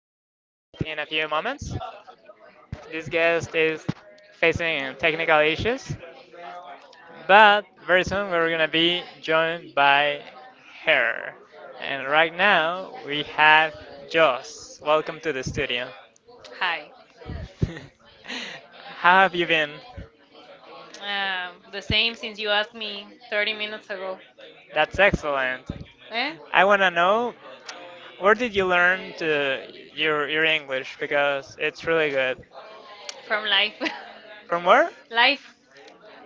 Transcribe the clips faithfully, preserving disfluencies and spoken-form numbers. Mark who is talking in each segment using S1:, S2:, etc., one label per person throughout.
S1: in a few moments. This guest is facing technical issues, but very soon we're gonna be joined by her. And right now we have Joss. Welcome to the studio.
S2: Hi.
S1: How have you been?
S2: Um, the same since you asked me thirty minutes ago.
S1: That's excellent.
S2: Eh?
S1: I wanna know where did you learn to your your English because it's really good. From
S2: From life.
S1: where?
S2: Life.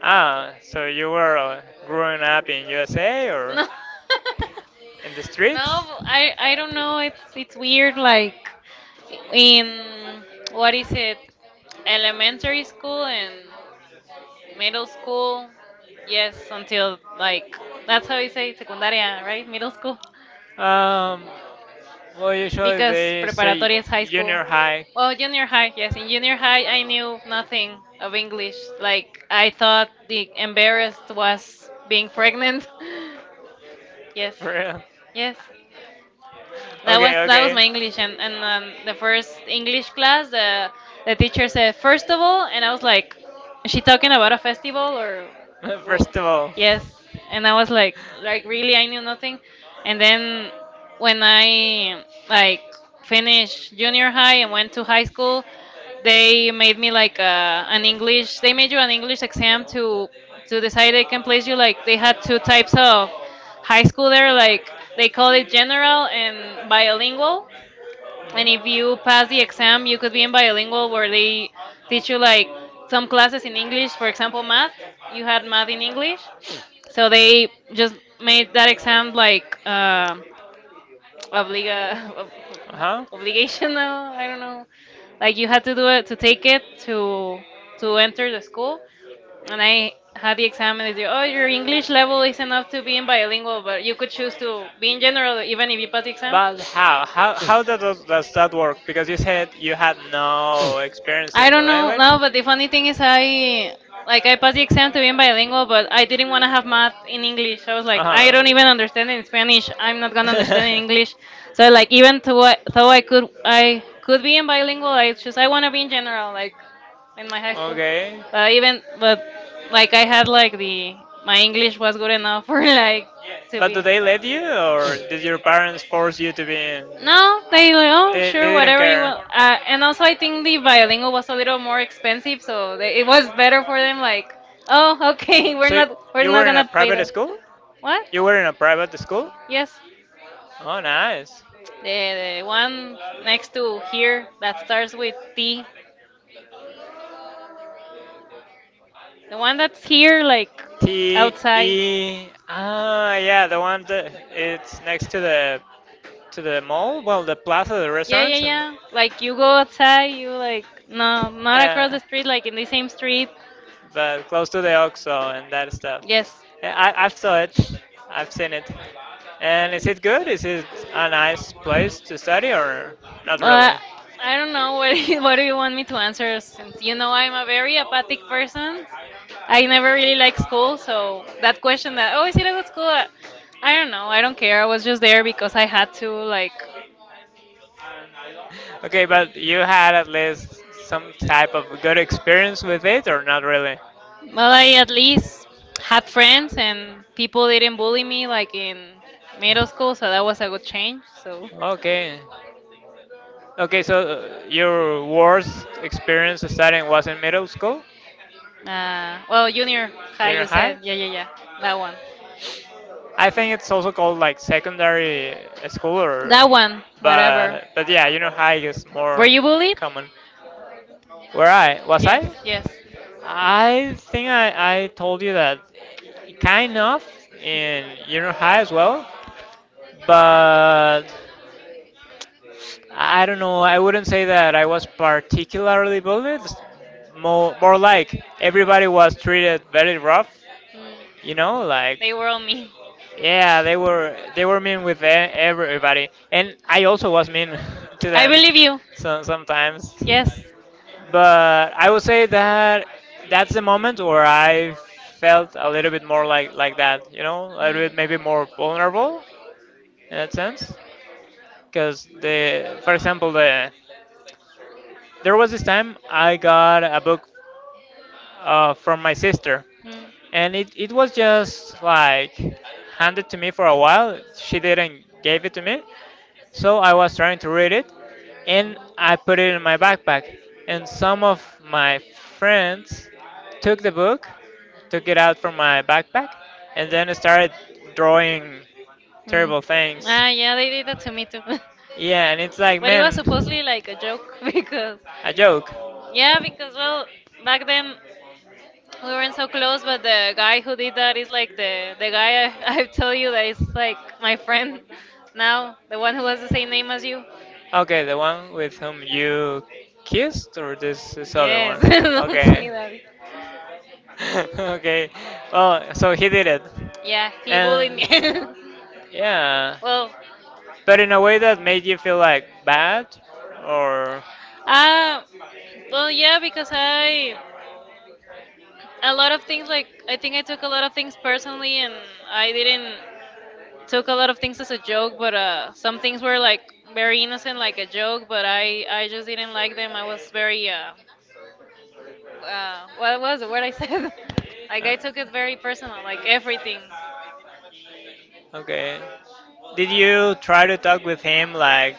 S1: Ah, so you were uh, growing up in U S A or
S2: No. it's
S1: in the no,
S2: no,
S1: streets?
S2: I I don't know. It's it's weird. Like in what is it? Elementary school and middle school. Yes, until like that's how you say secundaria, right? Middle school.
S1: Um, well, usually
S2: Because
S1: they say
S2: preparatoria is high school.
S1: junior high.
S2: Well, junior high, yes. In junior high, I knew nothing of English. Like, I thought the embarrassed was being pregnant. Yes.
S1: For real.
S2: Yes. That was
S1: Okay,
S2: that was
S1: okay.
S2: my English, and and um, the first English class, the the teacher said first of all, and I was like, is she talking about a festival or? Wha-"
S1: First of all,
S2: Yes, and I was like, like really, I knew nothing, and then when I like finished junior high and went to high school, they made me like uh, an English. They made you an English exam to to decide they can place you. Like they had two types of high school there, like they call it general and bilingual. And if you pass the exam, you could be in bilingual where they teach you like some classes in English, for example, math. You had math in English. So they just made that exam like uh, obliga ob- obligation. Now I don't know, like you had to do it, to take it, to to enter the school. And I had the exam and they said, oh, your English level is enough to be in bilingual, but
S1: uh
S2: you could choose to be in
S1: huh.
S2: general even if you pass the exam.
S1: But how? How how that does, does that work? Because you said you had no experience
S2: I
S1: in the
S2: don't know,
S1: language.
S2: no, but the funny thing is I like I passed the exam to be in bilingual, but I didn't want to have math in English. I was
S1: Uh
S2: like, I don't
S1: huh.
S2: even understand in Spanish. I'm not gonna understand in English. So like even though I, though I could, I could be in bilingual, I just I want to be in general, like in my high school.
S1: Okay.
S2: But even but like I had like the my English was good enough for like to
S1: But do
S2: be.
S1: they let you, or did your parents force you to be in?
S2: No, they like, oh,
S1: They
S2: sure,
S1: they didn't
S2: whatever you
S1: care.
S2: want. Uh, and also, I think the Violingo was a little more expensive, so they, it was better for them. Like, oh, okay, we're
S1: So y-
S2: not, we're
S1: you
S2: not
S1: were in a
S2: gonna pay
S1: private
S2: the.
S1: school?
S2: What?
S1: You were in a private school?
S2: Yes,
S1: Oh, nice.
S2: the the one next to here that starts with T, the one that's here, like
S1: T
S2: outside.
S1: E. Ah, yeah, the one that it's next to the to the mall. Well, the plaza, the
S2: Yeah, yeah,
S1: restaurants, and
S2: yeah. Like you go outside, you like no, not across
S1: yeah,
S2: the street, like in the same street.
S1: but close to the OXO and that stuff.
S2: Yes.
S1: And I, I've saw it, I've seen it. And is it good? Is it a nice place to study or not really?
S2: But I don't know what what do you want me to answer since you know I'm a very apathic person. I never really liked school, so that question that oh, is it a good school? I don't know. I don't care. I was just there because I had to like.
S1: Okay, but you had at least some type of good experience with it or not really?
S2: Well, I at least had friends and people didn't bully me like in middle school, so that was a good change. So,
S1: Okay. Okay, so uh, your worst experience studying was in middle school,
S2: uh, well, junior high,
S1: junior
S2: you said,
S1: high.
S2: yeah, yeah, yeah, that one,
S1: I think it's also called like secondary uh, school or
S2: that one, whatever.
S1: but but yeah, junior high is
S2: Were
S1: more
S2: you bullied?
S1: common. Where I was
S2: Yes,
S1: I?
S2: yes.
S1: I think I, I told you that kind of in junior high as well, but I don't know. I wouldn't say that I was particularly bullied. More, more like everybody was treated very rough. You
S2: Mm.
S1: know, like
S2: They were on me.
S1: yeah, they were they were mean with e- everybody, and I also was mean to
S2: I
S1: them.
S2: believe you.
S1: So sometimes,
S2: Yes. Mm.
S1: but I would say that that's the moment where I felt a little bit more like like that. You know, a little bit maybe more vulnerable in that sense because the for example the there was this time I got a book uh, from my sister, and it, it was just like handed to me for a while. She didn't gave it to me, so I was trying to read it, and I put it in my backpack. And some of my friends took the book, took it out from my backpack, and then started drawing
S2: Mm. Mm.
S1: terrible things.
S2: Ah, yeah, they did that to me too.
S1: Yeah, and it's like,
S2: But it
S1: man,
S2: was supposedly like a joke because,
S1: a joke.
S2: yeah, because well, back then we weren't so close, but the guy who did that is like the the guy I, I told you that is like my friend now, the one who has the same name as you.
S1: Okay, the one with whom you kissed, or this this other
S2: Yes,
S1: one?
S2: don't say
S1: Okay.
S2: that.
S1: Okay. Well, so he did it, yeah.
S2: Yeah, he bullied me.
S1: And yeah.
S2: Well,
S1: But in a way that made you feel like bad or uh,
S2: uh, well, yeah, because I a lot of things, like I think I took a lot of things personally, and I didn't. Took a lot of things as a joke, but uh, some things were like very innocent, like a joke. But I, I just didn't like them. I was very uh, uh what was the word I said? Like I took it very personal, like everything.
S1: okay. Did you try to talk with him, like,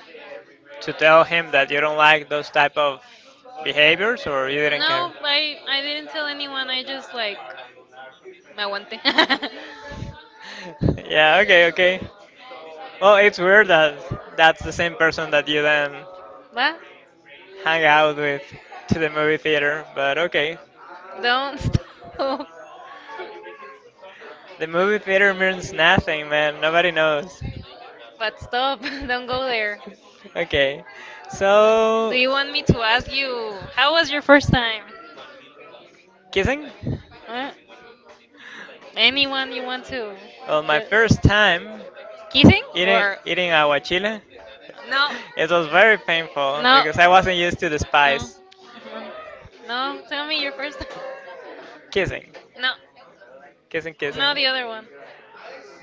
S1: to tell him that you don't like those type of behaviors, or you didn't
S2: No,
S1: care?
S2: I, I didn't tell anyone. I just like me aguanté.
S1: Yeah, okay, okay. Well, it's weird that that's the same person that you then
S2: What?
S1: hang out with to the movie theater, but okay.
S2: Don't stop.
S1: The movie theater means nothing, man. Nobody knows.
S2: But stop. Don't go there.
S1: Okay.
S2: Do
S1: So,
S2: you want me to ask you how was your first time?
S1: kissing?
S2: Huh? Anyone you want to? Well,
S1: Well, my
S2: Ju-
S1: first time
S2: kissing
S1: eating
S2: or
S1: eating aguachile,
S2: no?
S1: it was very painful
S2: No.
S1: because I wasn't used to the
S2: No.
S1: spice.
S2: No. No. Tell me your first time.
S1: Kissing,
S2: No.
S1: kissing, kissing.
S2: No, the other one.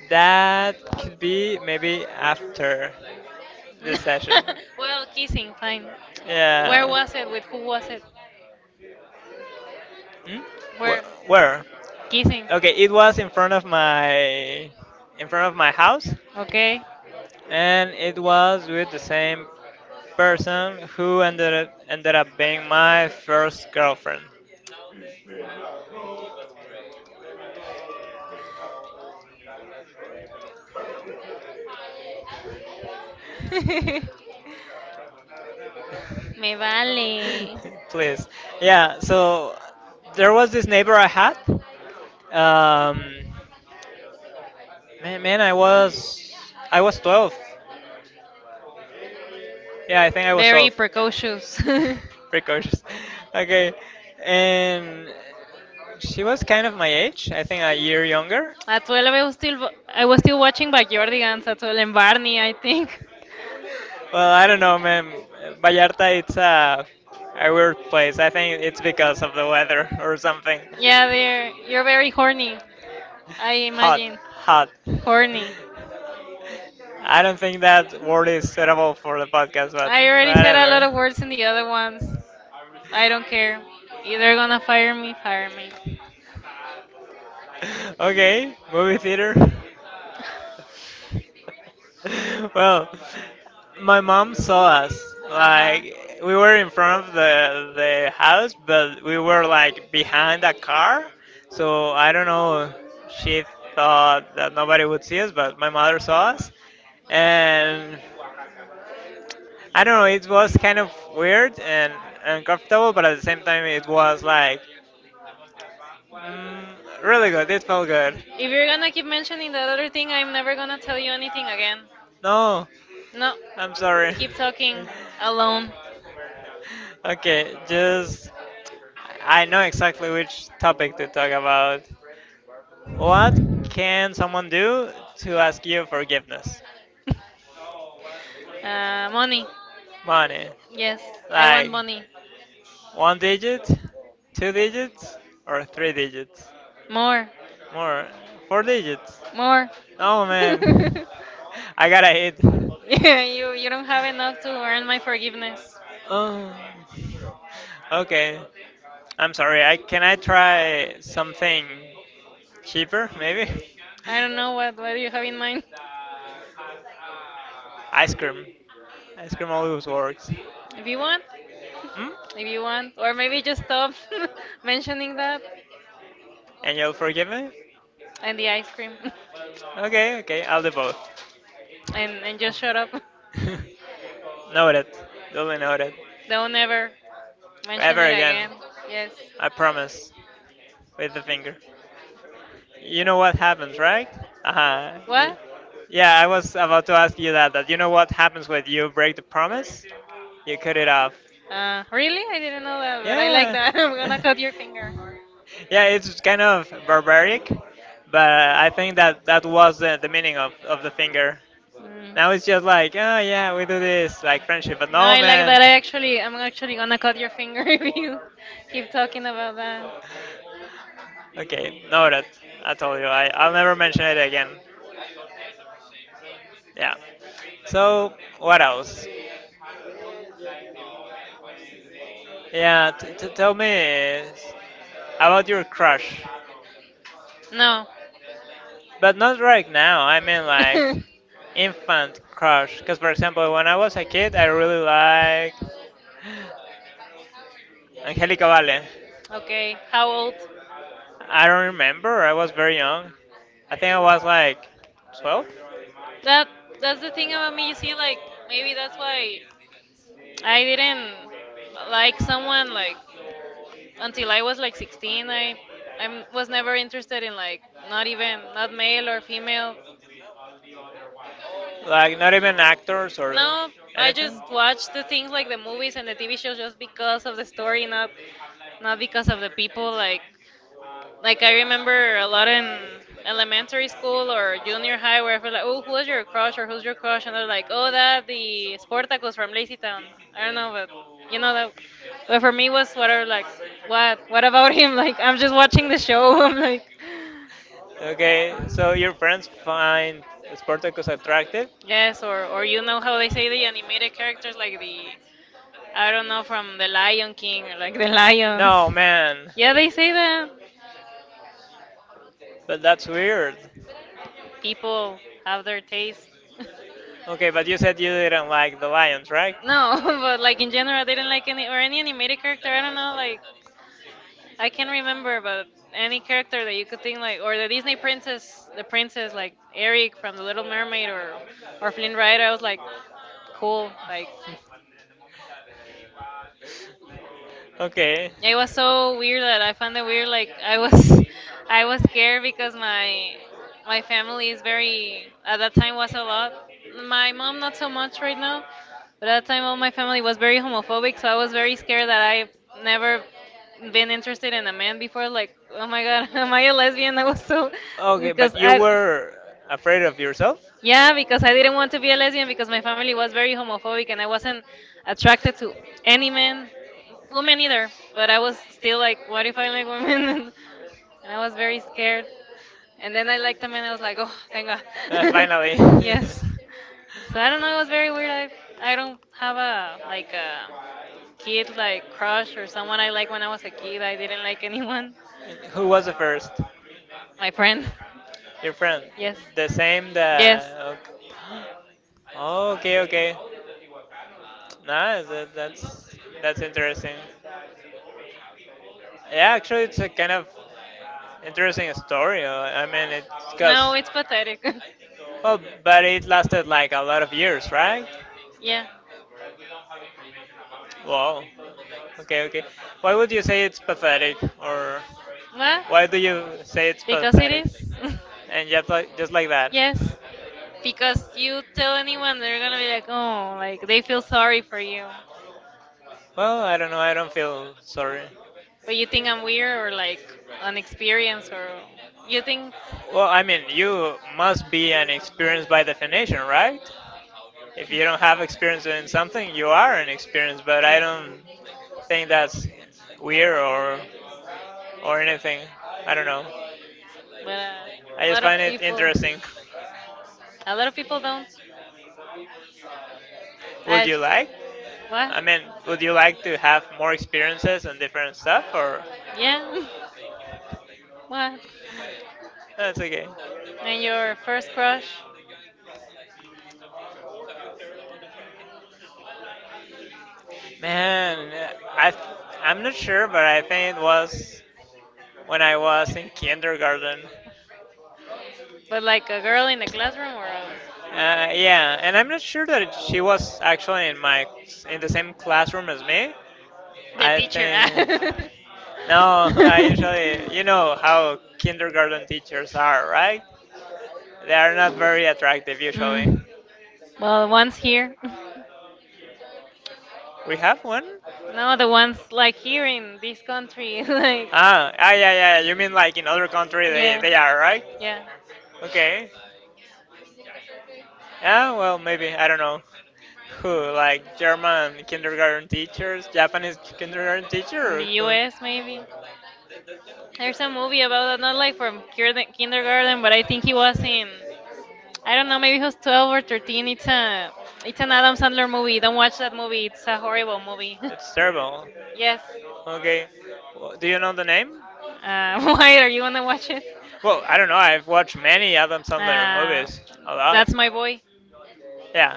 S1: That could be maybe after the session.
S2: Well, kissing, fine.
S1: Yeah.
S2: Where was it? With who was it?
S1: Hmm?
S2: Where?
S1: Wh- Where?
S2: Kissing.
S1: Okay, it was in front of my in front of my house,
S2: Okay.
S1: and it was with the same person who ended up, ended up being my first girlfriend.
S2: Me vale.
S1: Please, yeah. So there was this neighbor I had. Um, Man, man, I was I was twelve.
S2: Yeah, I think I
S1: Yeah, I think I was twelve.
S2: precocious.
S1: Precocious. Okay. And she was kind of my age, I think a year younger.
S2: At twelve, I was still wa- I was still watching Backyardigans at twelve and Barney, I think.
S1: Well, I don't know, man. Vallarta, it's a, a weird place. I think it's because of the weather or something.
S2: Yeah,
S1: Yeah,
S2: they're, you're very horny. I
S1: hot,
S2: imagine.
S1: hot.
S2: Horny.
S1: I don't think that word is suitable for the podcast, but
S2: I already said a lot of
S1: whatever.
S2: words in the other ones. I don't care. Either gonna fire me, fire me.
S1: Okay, movie theater. Well, my mom saw us.
S2: Uh huh.
S1: Like we were in front of the the house, but we were like behind a car. So I don't know. She thought that nobody would see us, but my mother saw us, and I don't know. It was kind of weird and uncomfortable, but at the same time, it was like, mm, really good. It felt good.
S2: If you're gonna keep mentioning that other thing, I'm never gonna tell you anything again.
S1: No, No,
S2: No.
S1: I'm sorry.
S2: Keep talking alone.
S1: Okay, just I know exactly which topic to talk about. What can someone do to ask you forgiveness?
S2: Uh, money.
S1: Money.
S2: Yes, I want
S1: Like
S2: money.
S1: one digit, two digits, or three digits?
S2: More.
S1: More. Four digits.
S2: More.
S1: Oh man. I gotta hit. You
S2: Yeah, you you don't have enough to earn my forgiveness.
S1: oh. Okay. I'm sorry. I can I try something cheaper maybe?
S2: I
S1: I don't
S2: don't know what what do you have in mind.
S1: ice cream. Ice cream always works.
S2: If you want,
S1: Hmm?
S2: if you want, or maybe just stop mentioning that
S1: And you'll forgive me?
S2: and the ice cream,
S1: Okay, okay. I'll do both.
S2: and and just shut up.
S1: Noted. Duly noted.
S2: Don't ever mention
S1: Ever
S2: it
S1: again.
S2: again. Yes.
S1: I promise. With the finger. You know what happens, right? Uh-huh. y-
S2: What?
S1: Yeah, I was about to ask you that, that you know what happens when you break the promise? You cut it off.
S2: Uh, really? I didn't know that, but I like that. I'm gonna
S1: Yeah.
S2: cut your finger.
S1: Yeah, it's kind of barbaric, but I think that that was the, the meaning of, of the finger.
S2: Mm.
S1: Now it's just like, oh yeah, we do this, like friendship, but
S2: No,
S1: no,
S2: I like
S1: man.
S2: that. I actually, I'm actually gonna cut your finger if you keep talking about that.
S1: that. Okay, noted. I told you, I, I'll never mention it again. Yeah. So, what else? Yeah, t- t- tell me s- about your crush.
S2: No.
S1: But not right now, I mean like infant crush. Because, for example, when I was a kid, I really liked Angelica Vale.
S2: Okay. How old?
S1: I don't remember, I was very young. I think I was like twelve?
S2: That that's the thing about me. You see, like maybe that's why I didn't like someone like until I was like sixteen. I I was never interested in like not even not male or female.
S1: Like not even actors or
S2: No, I
S1: anything?
S2: just watch the things like the movies and the T V shows just because of the story, not not because of the people. Like like I remember a lot in elementary school or junior high where I feel like, oh, who was your crush or who's your crush? And they're like, oh, that the Sportacus from Lazy Town. I don't know, but you know that. But for me it was whatever. Like, what? What about him? Like, I'm just watching the show. I'm like,
S1: Okay, so your friends find Spartacus attractive?
S2: yes, or or you know how they say the animated characters like the, I don't know, from the Lion King or like the lions.
S1: No, man.
S2: Yeah, they say that.
S1: But that's weird.
S2: People have their taste.
S1: Okay, but you said you didn't like the lions, right?
S2: No, but like in general, I didn't like any or any animated character. I don't know, like I can't remember,
S1: not
S2: but any character that you could think like, or the Disney princess, the princess like Eric from The Little Mermaid, or or Flynn Rider. I was like, cool, like
S1: okay.
S2: yeah, it was so weird that I found it weird. Like I was, I was scared because my my family is very at that time was a lot. My mom not so much right now, but at that time all my family was very homophobic. So I was very scared that I never been interested in a man before. Like oh my god, am I a lesbian? I was so
S1: Okay,
S2: because
S1: but you
S2: I.
S1: were afraid of yourself?
S2: Yeah, because I didn't want to be a lesbian because my family was very homophobic and I wasn't attracted to any man, women either. But I was still like, what if I like women? And and I was very scared. And then I liked them and I was like, oh, thank God.
S1: I
S2: Yes. So I don't know. It was very weird. I I don't have a like a kid like crush or someone I like when I was a kid. I didn't like anyone.
S1: like and who was the first?
S2: My
S1: Friend.
S2: friend.
S1: Your friend? Yes.
S2: Yes.
S1: The same
S2: Yes.
S1: that. Oh, okay, okay. Nice. That, that's that's interesting. Yeah, actually, it's a kind of interesting story. uh, I mean, it's because
S2: No, it's pathetic.
S1: but well, but it lasted like a lot of years, right?
S2: Yeah.
S1: Wow. Okay, okay. Why would you say it's pathetic, or
S2: What?
S1: why do you say it's
S2: Because it
S1: pathetic?
S2: is.
S1: And just like just like that.
S2: Yes. Because you tell anyone, they're gonna be like, oh, like they feel sorry for you.
S1: Well, I don't know. I don't feel sorry.
S2: But you think I'm weird or like unexperienced or you think.
S1: Well, I mean, you must be an experience by definition, right? If you
S2: Yeah.
S1: don't have experience in something, you are an experience. But I don't think that's weird or or anything. I don't know.
S2: But uh,
S1: I
S2: a
S1: just
S2: lot of
S1: find it
S2: people.
S1: interesting.
S2: A lot of people don't.
S1: Would
S2: I
S1: you
S2: just,
S1: like?
S2: what?
S1: I mean, would you like to have more experiences and different stuff, or
S2: Yeah. What?
S1: that's okay?
S2: And your first crush?
S1: Man, I I'm not sure, but I think it was when I was in kindergarten.
S2: But like a girl in the classroom or a...
S1: Uh, yeah, and I'm not sure that she was actually in my in the same classroom as me,
S2: the
S1: I
S2: teacher?
S1: think no. I usually, you know how kindergarten teachers are, right? They are not very attractive usually.
S2: Mm. Well, one's here.
S1: We have one.
S2: No, the ones like here in this country, like.
S1: Ah, ah, yeah, yeah, yeah, you mean like in other country they
S2: Yeah.
S1: they are, right?
S2: Yeah.
S1: Okay. Yeah. Well, maybe I don't know. Who like German kindergarten teachers, Japanese kindergarten
S2: In
S1: teacher, or
S2: the
S1: who?
S2: U S, maybe. There's a movie about that, not like from kinder- kindergarten, but I think he was in. I don't know, maybe he was twelve or thirteen. It's a, it's an Adam Sandler movie. Don't watch that movie. It's a horrible movie.
S1: It's terrible.
S2: Yes.
S1: Okay. Well, do you know the name?
S2: Uh, why are you gonna watch it?
S1: Well, I don't know. I've watched many Adam
S2: Uh,
S1: movies. A
S2: that's my boy.
S1: that's, yeah.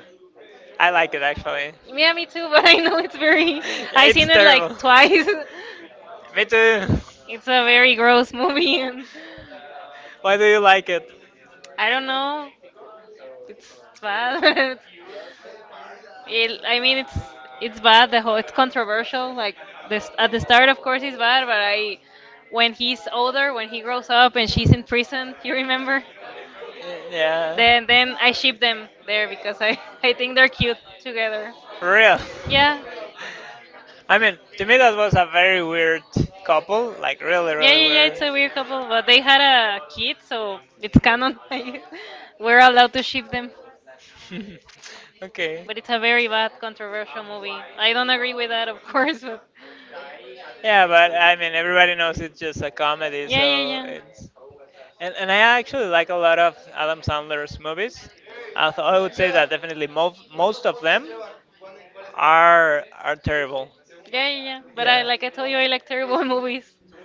S1: I like it actually.
S2: Yeah, me too, but I know it's very. I seen it like twice.
S1: Me too.
S2: It's a very gross movie, and
S1: Why do you like it?
S2: I don't know. It's, it's bad. It, I mean, it's it's bad. The whole it's controversial. Like this at the start, of course, it's bad, but I when he's older, when he grows up, and she's in prison, you remember?
S1: Yeah.
S2: Then then I ship them there because I I think they're cute together.
S1: For real.
S2: Yeah.
S1: I mean, to me that was a very weird couple, like really,
S2: Yeah,
S1: really
S2: really, yeah, yeah. It's
S1: weird.
S2: weird. A weird couple, but they had a kid, so it's canon. Like, we're allowed to ship them,
S1: Okay.
S2: but it's a very bad, controversial movie. I don't agree with that, of course, but
S1: Yeah,
S2: yeah,
S1: but I mean, everybody knows it's just a comedy, yeah,
S2: yeah,
S1: so
S2: yeah,
S1: it's. And, and I actually like a lot of Adam Sandler's movies. I, th- I would say that definitely mo- most of them are are terrible.
S2: yeah, yeah, yeah, yeah. But I,
S1: Yeah,
S2: like I
S1: yeah.
S2: told you, I like terrible movies.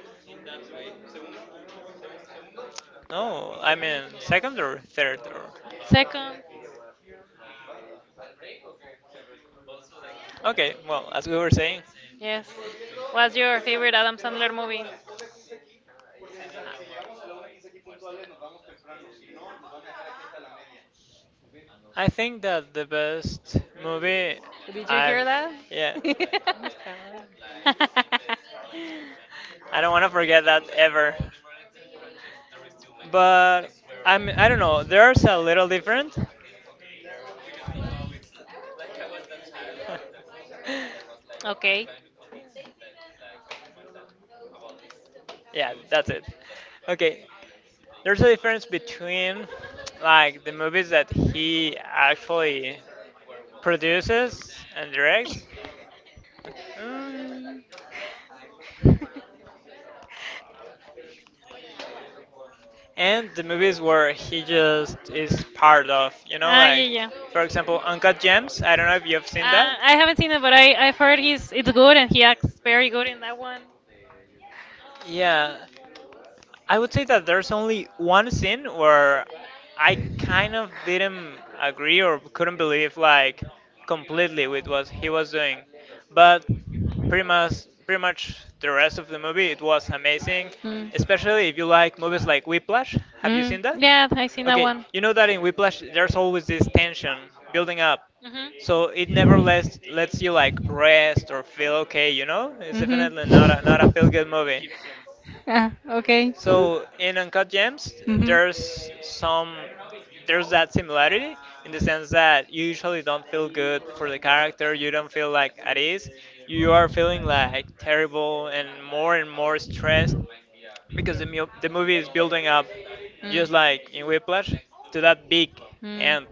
S2: I
S1: No, I mean second or third or.
S2: Second,
S1: Okay, well, as we were saying,
S2: yes. What's your favorite Adam Sandler movie?
S1: I think that the best movie
S2: Did you
S1: I've
S2: hear that?
S1: yeah. I don't want to forget that ever. But I'm I don't know, there's a little different.
S2: Okay.
S1: Yeah, that's it. Okay, there's a difference between like the movies that he actually produces and directs, mm, and the movies where he just is part of. You know,
S2: Ah, yeah,
S1: like
S2: yeah.
S1: for example, Uncut Gems. I don't know if you've seen
S2: Uh,
S1: that.
S2: I haven't seen it, but I I've heard he's it's good and he acts very good in that one.
S1: Yeah, I would say that there's only one scene where I kind of didn't agree or couldn't believe like completely with what he was doing, but pretty much pretty much the rest of the movie it was amazing, especially if you like movies like Whiplash. Have you seen that?
S2: Yeah, I seen that
S1: Okay,
S2: one.
S1: you know that in Whiplash there's always this tension building up, so
S2: You
S1: it
S2: Mhm.
S1: never lets lets you like rest or feel okay. You know, it's definitely not a, not a feel good movie.
S2: Ah, okay. Mhm.
S1: So in Uncut Gems, there's some there's that similarity in the sense that you usually don't feel good for the character. You don't feel like at ease. You are feeling like terrible and more and more stressed
S2: Mm.
S1: because the mu- the movie is building up, just like in Whiplash, to that big
S2: Mm.
S1: end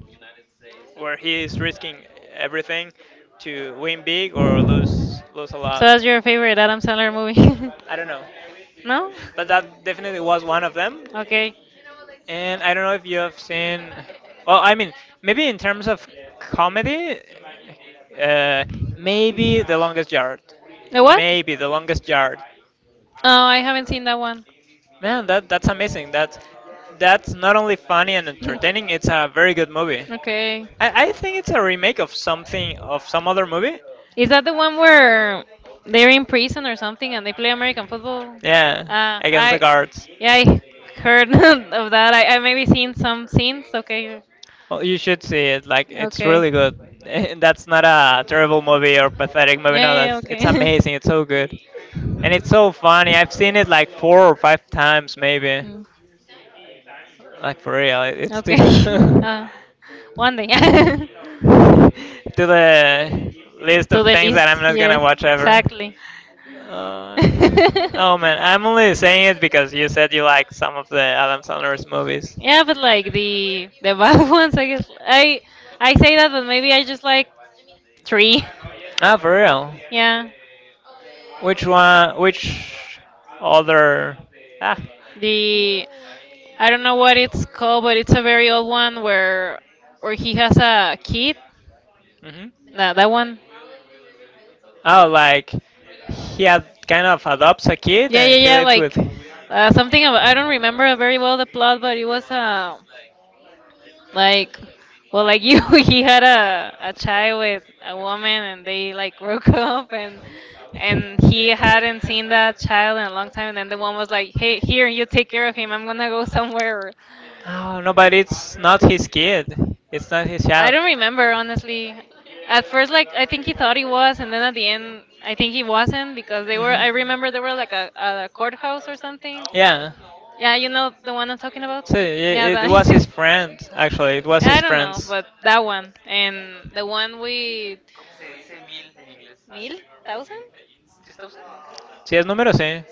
S1: where he is risking everything to win big or lose lose a
S2: So
S1: lot.
S2: that's your favorite Adam Sandler movie?
S1: I don't know,
S2: No?
S1: but that definitely was one of them.
S2: Okay.
S1: And I don't know if you have seen. Well, I mean, maybe in terms of comedy, uh, maybe The Longest Yard.
S2: The what?
S1: Maybe The Longest Yard.
S2: Oh, I haven't seen that one.
S1: Man, that that's amazing. That's that's not only funny and entertaining. It's a very good movie.
S2: Okay.
S1: I, I think it's a remake of something of some other movie.
S2: Is that the one where they're in prison or something and they play American football?
S1: Yeah,
S2: Uh,
S1: Against the
S2: I,
S1: Guards.
S2: yeah, I heard of that. I, I maybe seen some scenes. Okay,
S1: Well, you should see it. Like, it's
S2: okay,
S1: really good. And that's not a terrible movie or pathetic
S2: yeah,
S1: movie. No,
S2: yeah,
S1: that's it's
S2: okay,
S1: amazing. It's so good, and it's so funny. I've seen it like four or five times, maybe.
S2: mm,
S1: Like for real, it- it's too
S2: okay.
S1: good.
S2: Uh, one day to
S1: To the list of
S2: the
S1: things that
S2: list.
S1: I'm not gonna
S2: Yes,
S1: watch ever.
S2: exactly.
S1: Uh, oh man, I'm only saying it because you said you like some of the Adam Sandler's movies.
S2: Yeah, but like the the bad ones, I guess. I I say that, but maybe I just like three.
S1: Ah, for real? Yeah.
S2: Yeah.
S1: Which one? Which other? Ah.
S2: The I don't know what it's called, but it's a very old one where where he has a kid.
S1: Mhm.
S2: That that one.
S1: Oh, like he ad- kind of adopts a kid
S2: Yeah, yeah,
S1: and he
S2: yeah.
S1: lives
S2: Like
S1: with.
S2: uh, something about, I don't remember very well the plot, but it was uh, like, well, like you, he had a a child with a woman, and they like broke up, and and he hadn't seen that child in a long time, and then the woman was like, "Hey, here, you take care of him. I'm gonna go somewhere."
S1: Oh no, but it's not his kid. It's not his
S2: I
S1: child.
S2: don't remember honestly. At first, like I think he thought he was, and then at the end, I think he wasn't because they were. I
S1: Mhm.
S2: remember they were like a, a courthouse or something.
S1: Yeah.
S2: Yeah, you know the one I'm talking about.
S1: So
S2: Yeah,
S1: it,
S2: that
S1: it
S2: I
S1: was his
S2: see.
S1: friend. Actually, it was
S2: I
S1: his
S2: don't know,
S1: friends.
S2: but that one and the one with Neil Thousand.
S1: Sí, es número sí.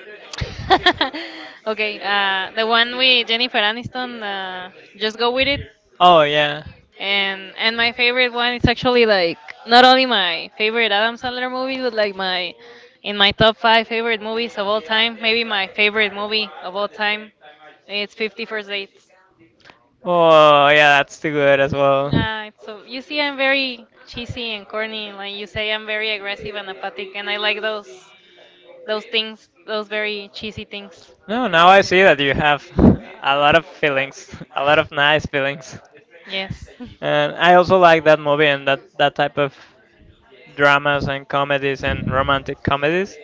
S2: Okay, uh, the one with Jennifer Aniston. Uh, just go with it.
S1: Oh yeah.
S2: And and my favorite one is actually like not only my favorite Adam Sandler movie, but like my in my top five favorite movies of all time. Maybe my favorite movie of all time. It's Fifty First Dates.
S1: Oh, yeah, that's too good as well.
S2: Uh, so you see, I'm very cheesy and corny. Like you say, I'm very aggressive and apathic, and I like those those things, those very cheesy things.
S1: No, now I see that you have a lot of feelings, a lot of nice feelings.
S2: Yes.
S1: And I also like that movie and that, that type of dramas and comedies and romantic comedies.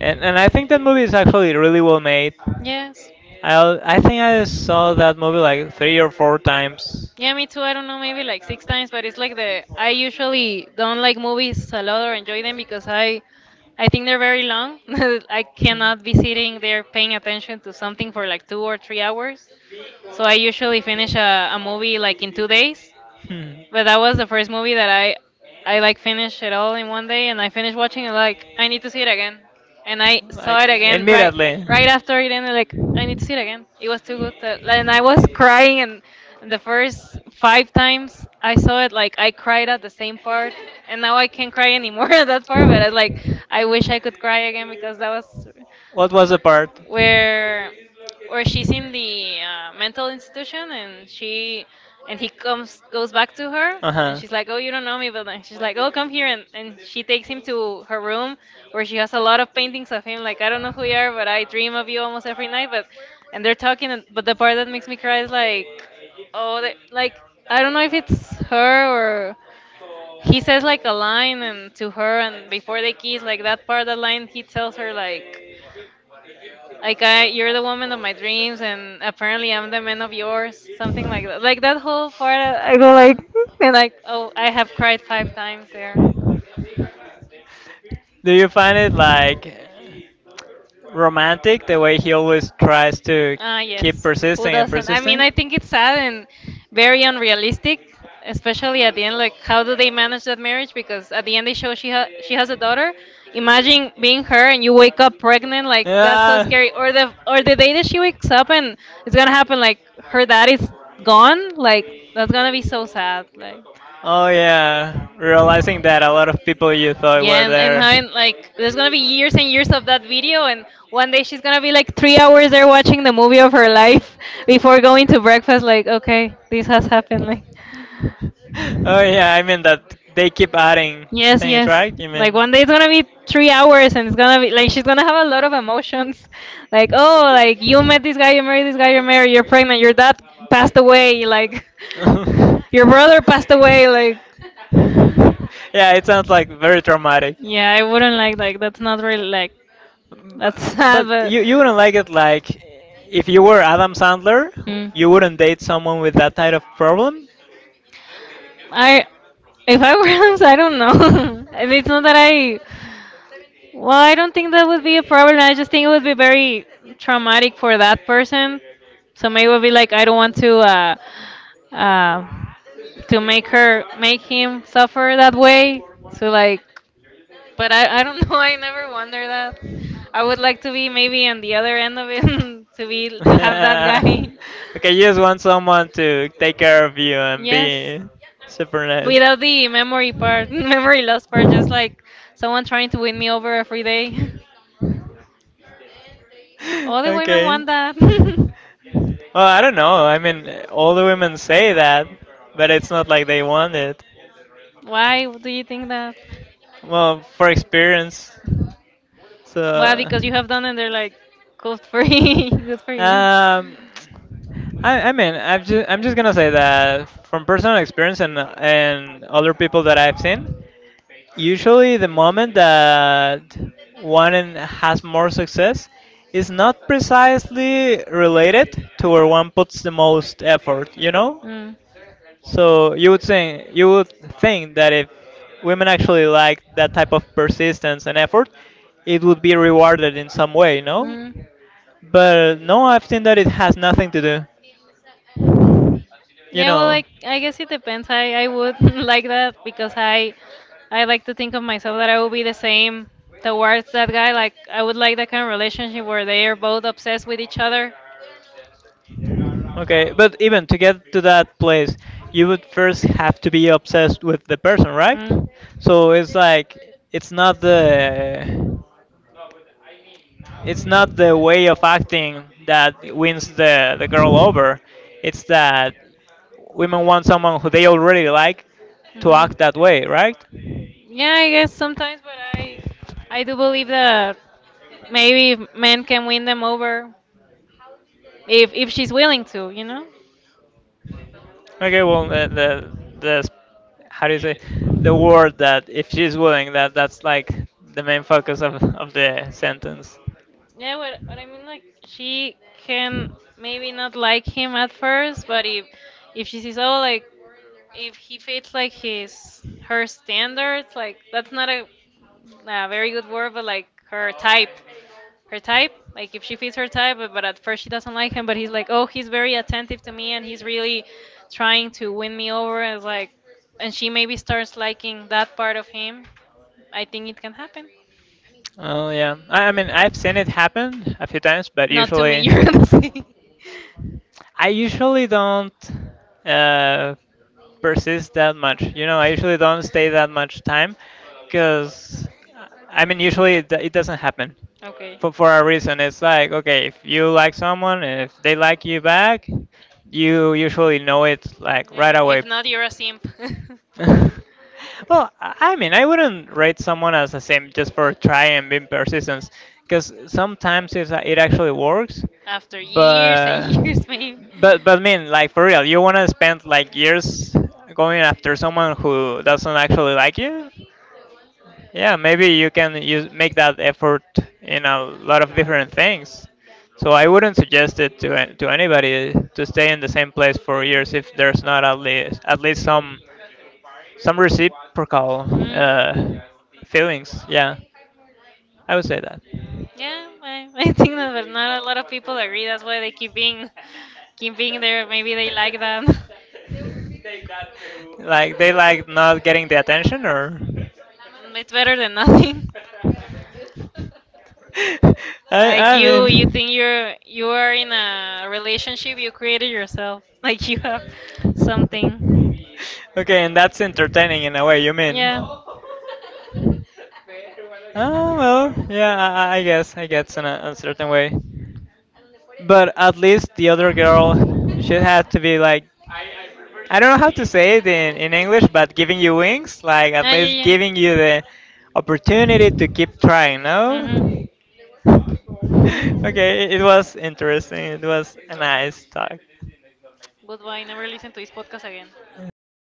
S1: And, and I think that movie is actually really well made.
S2: Yes.
S1: I I think I saw that movie like three or four times.
S2: Yeah, me too. I don't know, maybe like six times, but it's like the I usually don't like movies a lot or enjoy them because I I think they're very long. I cannot be sitting there paying attention to something for like two or three hours. So I usually finish a, a movie like in two days.
S1: Hmm.
S2: But that was the first movie that I I like finished it all in one day and I finished watching it like I need to see it again. And I
S1: Like,
S2: saw
S1: Like
S2: it again right
S1: immediately.
S2: right after it ended like I need to see it again. It was too good to, and I was crying and the first five times I saw it like I cried at the same part and now I can't cry anymore at that part but I like I wish I could cry again because that was
S1: What was the part?
S2: where where she's in the uh, mental institution and she and he comes goes back to her and
S1: Huh.
S2: she's like oh you don't know me but then she's like oh come here and, and she takes him to her room where she has a lot of paintings of him like I don't know who you are but I dream of you almost every night but and they're talking and, but the part that makes me cry is like oh they, like I don't know if it's her or he says like a line and to her and before they kiss like that part that line he tells her like like I, you're the woman of my dreams, and apparently I'm the man of yours. Something like that. Like that whole part, I I go like, and like, oh, I have cried five times there.
S1: Do you find it like romantic the way he always tries to
S2: Ah,
S1: keep
S2: yes. Who
S1: persisting and
S2: doesn't? I mean,
S1: persisting?
S2: I think it's sad and very unrealistic, especially at the end. Like, how do they manage that marriage? Because at the end, they show she ha- she has a daughter. Imagine being her and you wake up pregnant. Like, that's so
S1: Yeah.
S2: scary. Or the or the day that she wakes up and it's gonna happen. Like, her dad is gone. Like, that's gonna be so sad. Like.
S1: Oh yeah, realizing that a lot of people you thought were
S2: Yeah, and, and
S1: there.
S2: having like there's gonna be years and years of that video, and one day she's gonna be like three hours there watching the movie of her life before going to breakfast. Like, okay, this has happened. Like,
S1: Oh yeah, I mean that they keep adding
S2: yes,
S1: things,
S2: yes.
S1: right? You mean?
S2: Like one day it's gonna be three hours and it's gonna be like she's gonna have a lot of emotions. Like, oh, like you met this guy, you married this guy, you're married, you're pregnant, your dad passed away, like your brother passed away, like
S1: Yeah, it sounds like very traumatic.
S2: yeah, I wouldn't like like that's not really like
S1: But,
S2: that's sad
S1: but
S2: but
S1: you you wouldn't like it like if you were Adam Sandler,
S2: mm.
S1: you wouldn't date someone with that type of problem?
S2: I if I were honest, I don't know. And it's not that I Well, I don't think that would be a problem. I just think it would be very traumatic for that person. So maybe it would be like I don't want to uh, uh, to make her make him suffer that way. So like, but I I don't know. I never wonder that. I would like to be maybe on the other end of it to be to have that guy.
S1: Okay, you just want someone to take care of you and
S2: Yes.
S1: be super nice.
S2: Without the memory part, memory loss part, just like someone trying to win me over every day. All the women
S1: Okay.
S2: want that.
S1: Well, I don't know. I mean, all the women say that, but it's not like they want it.
S2: Why do you think that?
S1: Well, for experience. So,
S2: Why? Because you have done and they're like, good for you. Good for
S1: um,
S2: you.
S1: I, I mean, I've just, I'm just gonna say that from personal experience and and other people that I've seen, usually, the moment that one in- has more success is not precisely related to where one puts the most effort, you know?
S2: Mm.
S1: So you would think you would think that if women actually like that type of persistence and effort, it would be rewarded in some way, no?
S2: Mm.
S1: But no, I've seen that it has nothing to do. You
S2: Yeah, well,
S1: know.
S2: I I guess it depends. I I would like that because I I like to think of myself that I will be the same towards that guy. Like I would like that kind of relationship where they are both obsessed with each other.
S1: Okay, but even to get to that place, you would first have to be obsessed with the person, right?
S2: Mm.
S1: So it's like it's not the it's not the way of acting that wins the, the girl over. It's that women want someone who they already like to
S2: Mhm.
S1: act that way, right?
S2: Yeah, I guess sometimes, but I I do believe that maybe men can win them over if if she's willing to, you know?
S1: Okay, well, the, the, the s- how do you say, the word that if she's willing, that that's like the main focus of, of the sentence.
S2: Yeah, what, what I mean, like she can maybe not like him at first, but if if she sees oh like if he fits like his her standards, like that's not a, a very good word, but like her type, her type. Like if she fits her type, but, but at first she doesn't like him, but he's like oh he's very attentive to me and he's really trying to win me over. As like, and she maybe starts liking that part of him. I think it can happen.
S1: Oh, yeah. I, I mean, I've seen it happen a few times, but
S2: Not to me,
S1: usually.
S2: you're gonna say.
S1: I usually don't uh, persist that much. You know, I usually don't stay that much time because, I mean, usually it, it doesn't happen
S2: Okay.
S1: for, for a reason. It's like, okay, if you like someone, if they like you back, you usually know it like right away.
S2: If not, you're a simp.
S1: Well, I I mean, I wouldn't rate someone as the same just for trying and being persistent, because sometimes it's, it actually works,
S2: After years and
S1: but
S2: years, maybe.
S1: but but I mean, like for real, you wanna spend like years going after someone who doesn't actually like you? Yeah, maybe you can use make that effort in a lot of different things. So I wouldn't suggest it to an- to anybody to stay in the same place for years if there's not at least at least some some reciprocal
S2: Mm.
S1: uh, feelings. Yeah, I would say that.
S2: Yeah, I, I think that but not a lot of people agree. That's why they keep being keep being there. Maybe they like that.
S1: Like they like not getting the attention or.
S2: It's better than nothing.
S1: I
S2: Like
S1: i
S2: you, you
S1: mean,
S2: think you're you are in a relationship you created yourself. Like you have something.
S1: okay, and that's entertaining in a way, you mean?
S2: Yeah.
S1: Oh well, yeah, I, I I guess, I guess in a, a certain way. But at least the other girl, she had to be like, I don't know how to say it in, in English, but giving you wings, like at
S2: Ah,
S1: least
S2: yeah, yeah.
S1: giving you the opportunity to keep trying, no?
S2: Mhm.
S1: Okay, it was interesting. It was a nice talk.
S2: Goodbye. Never listen to this podcast again.
S1: Please.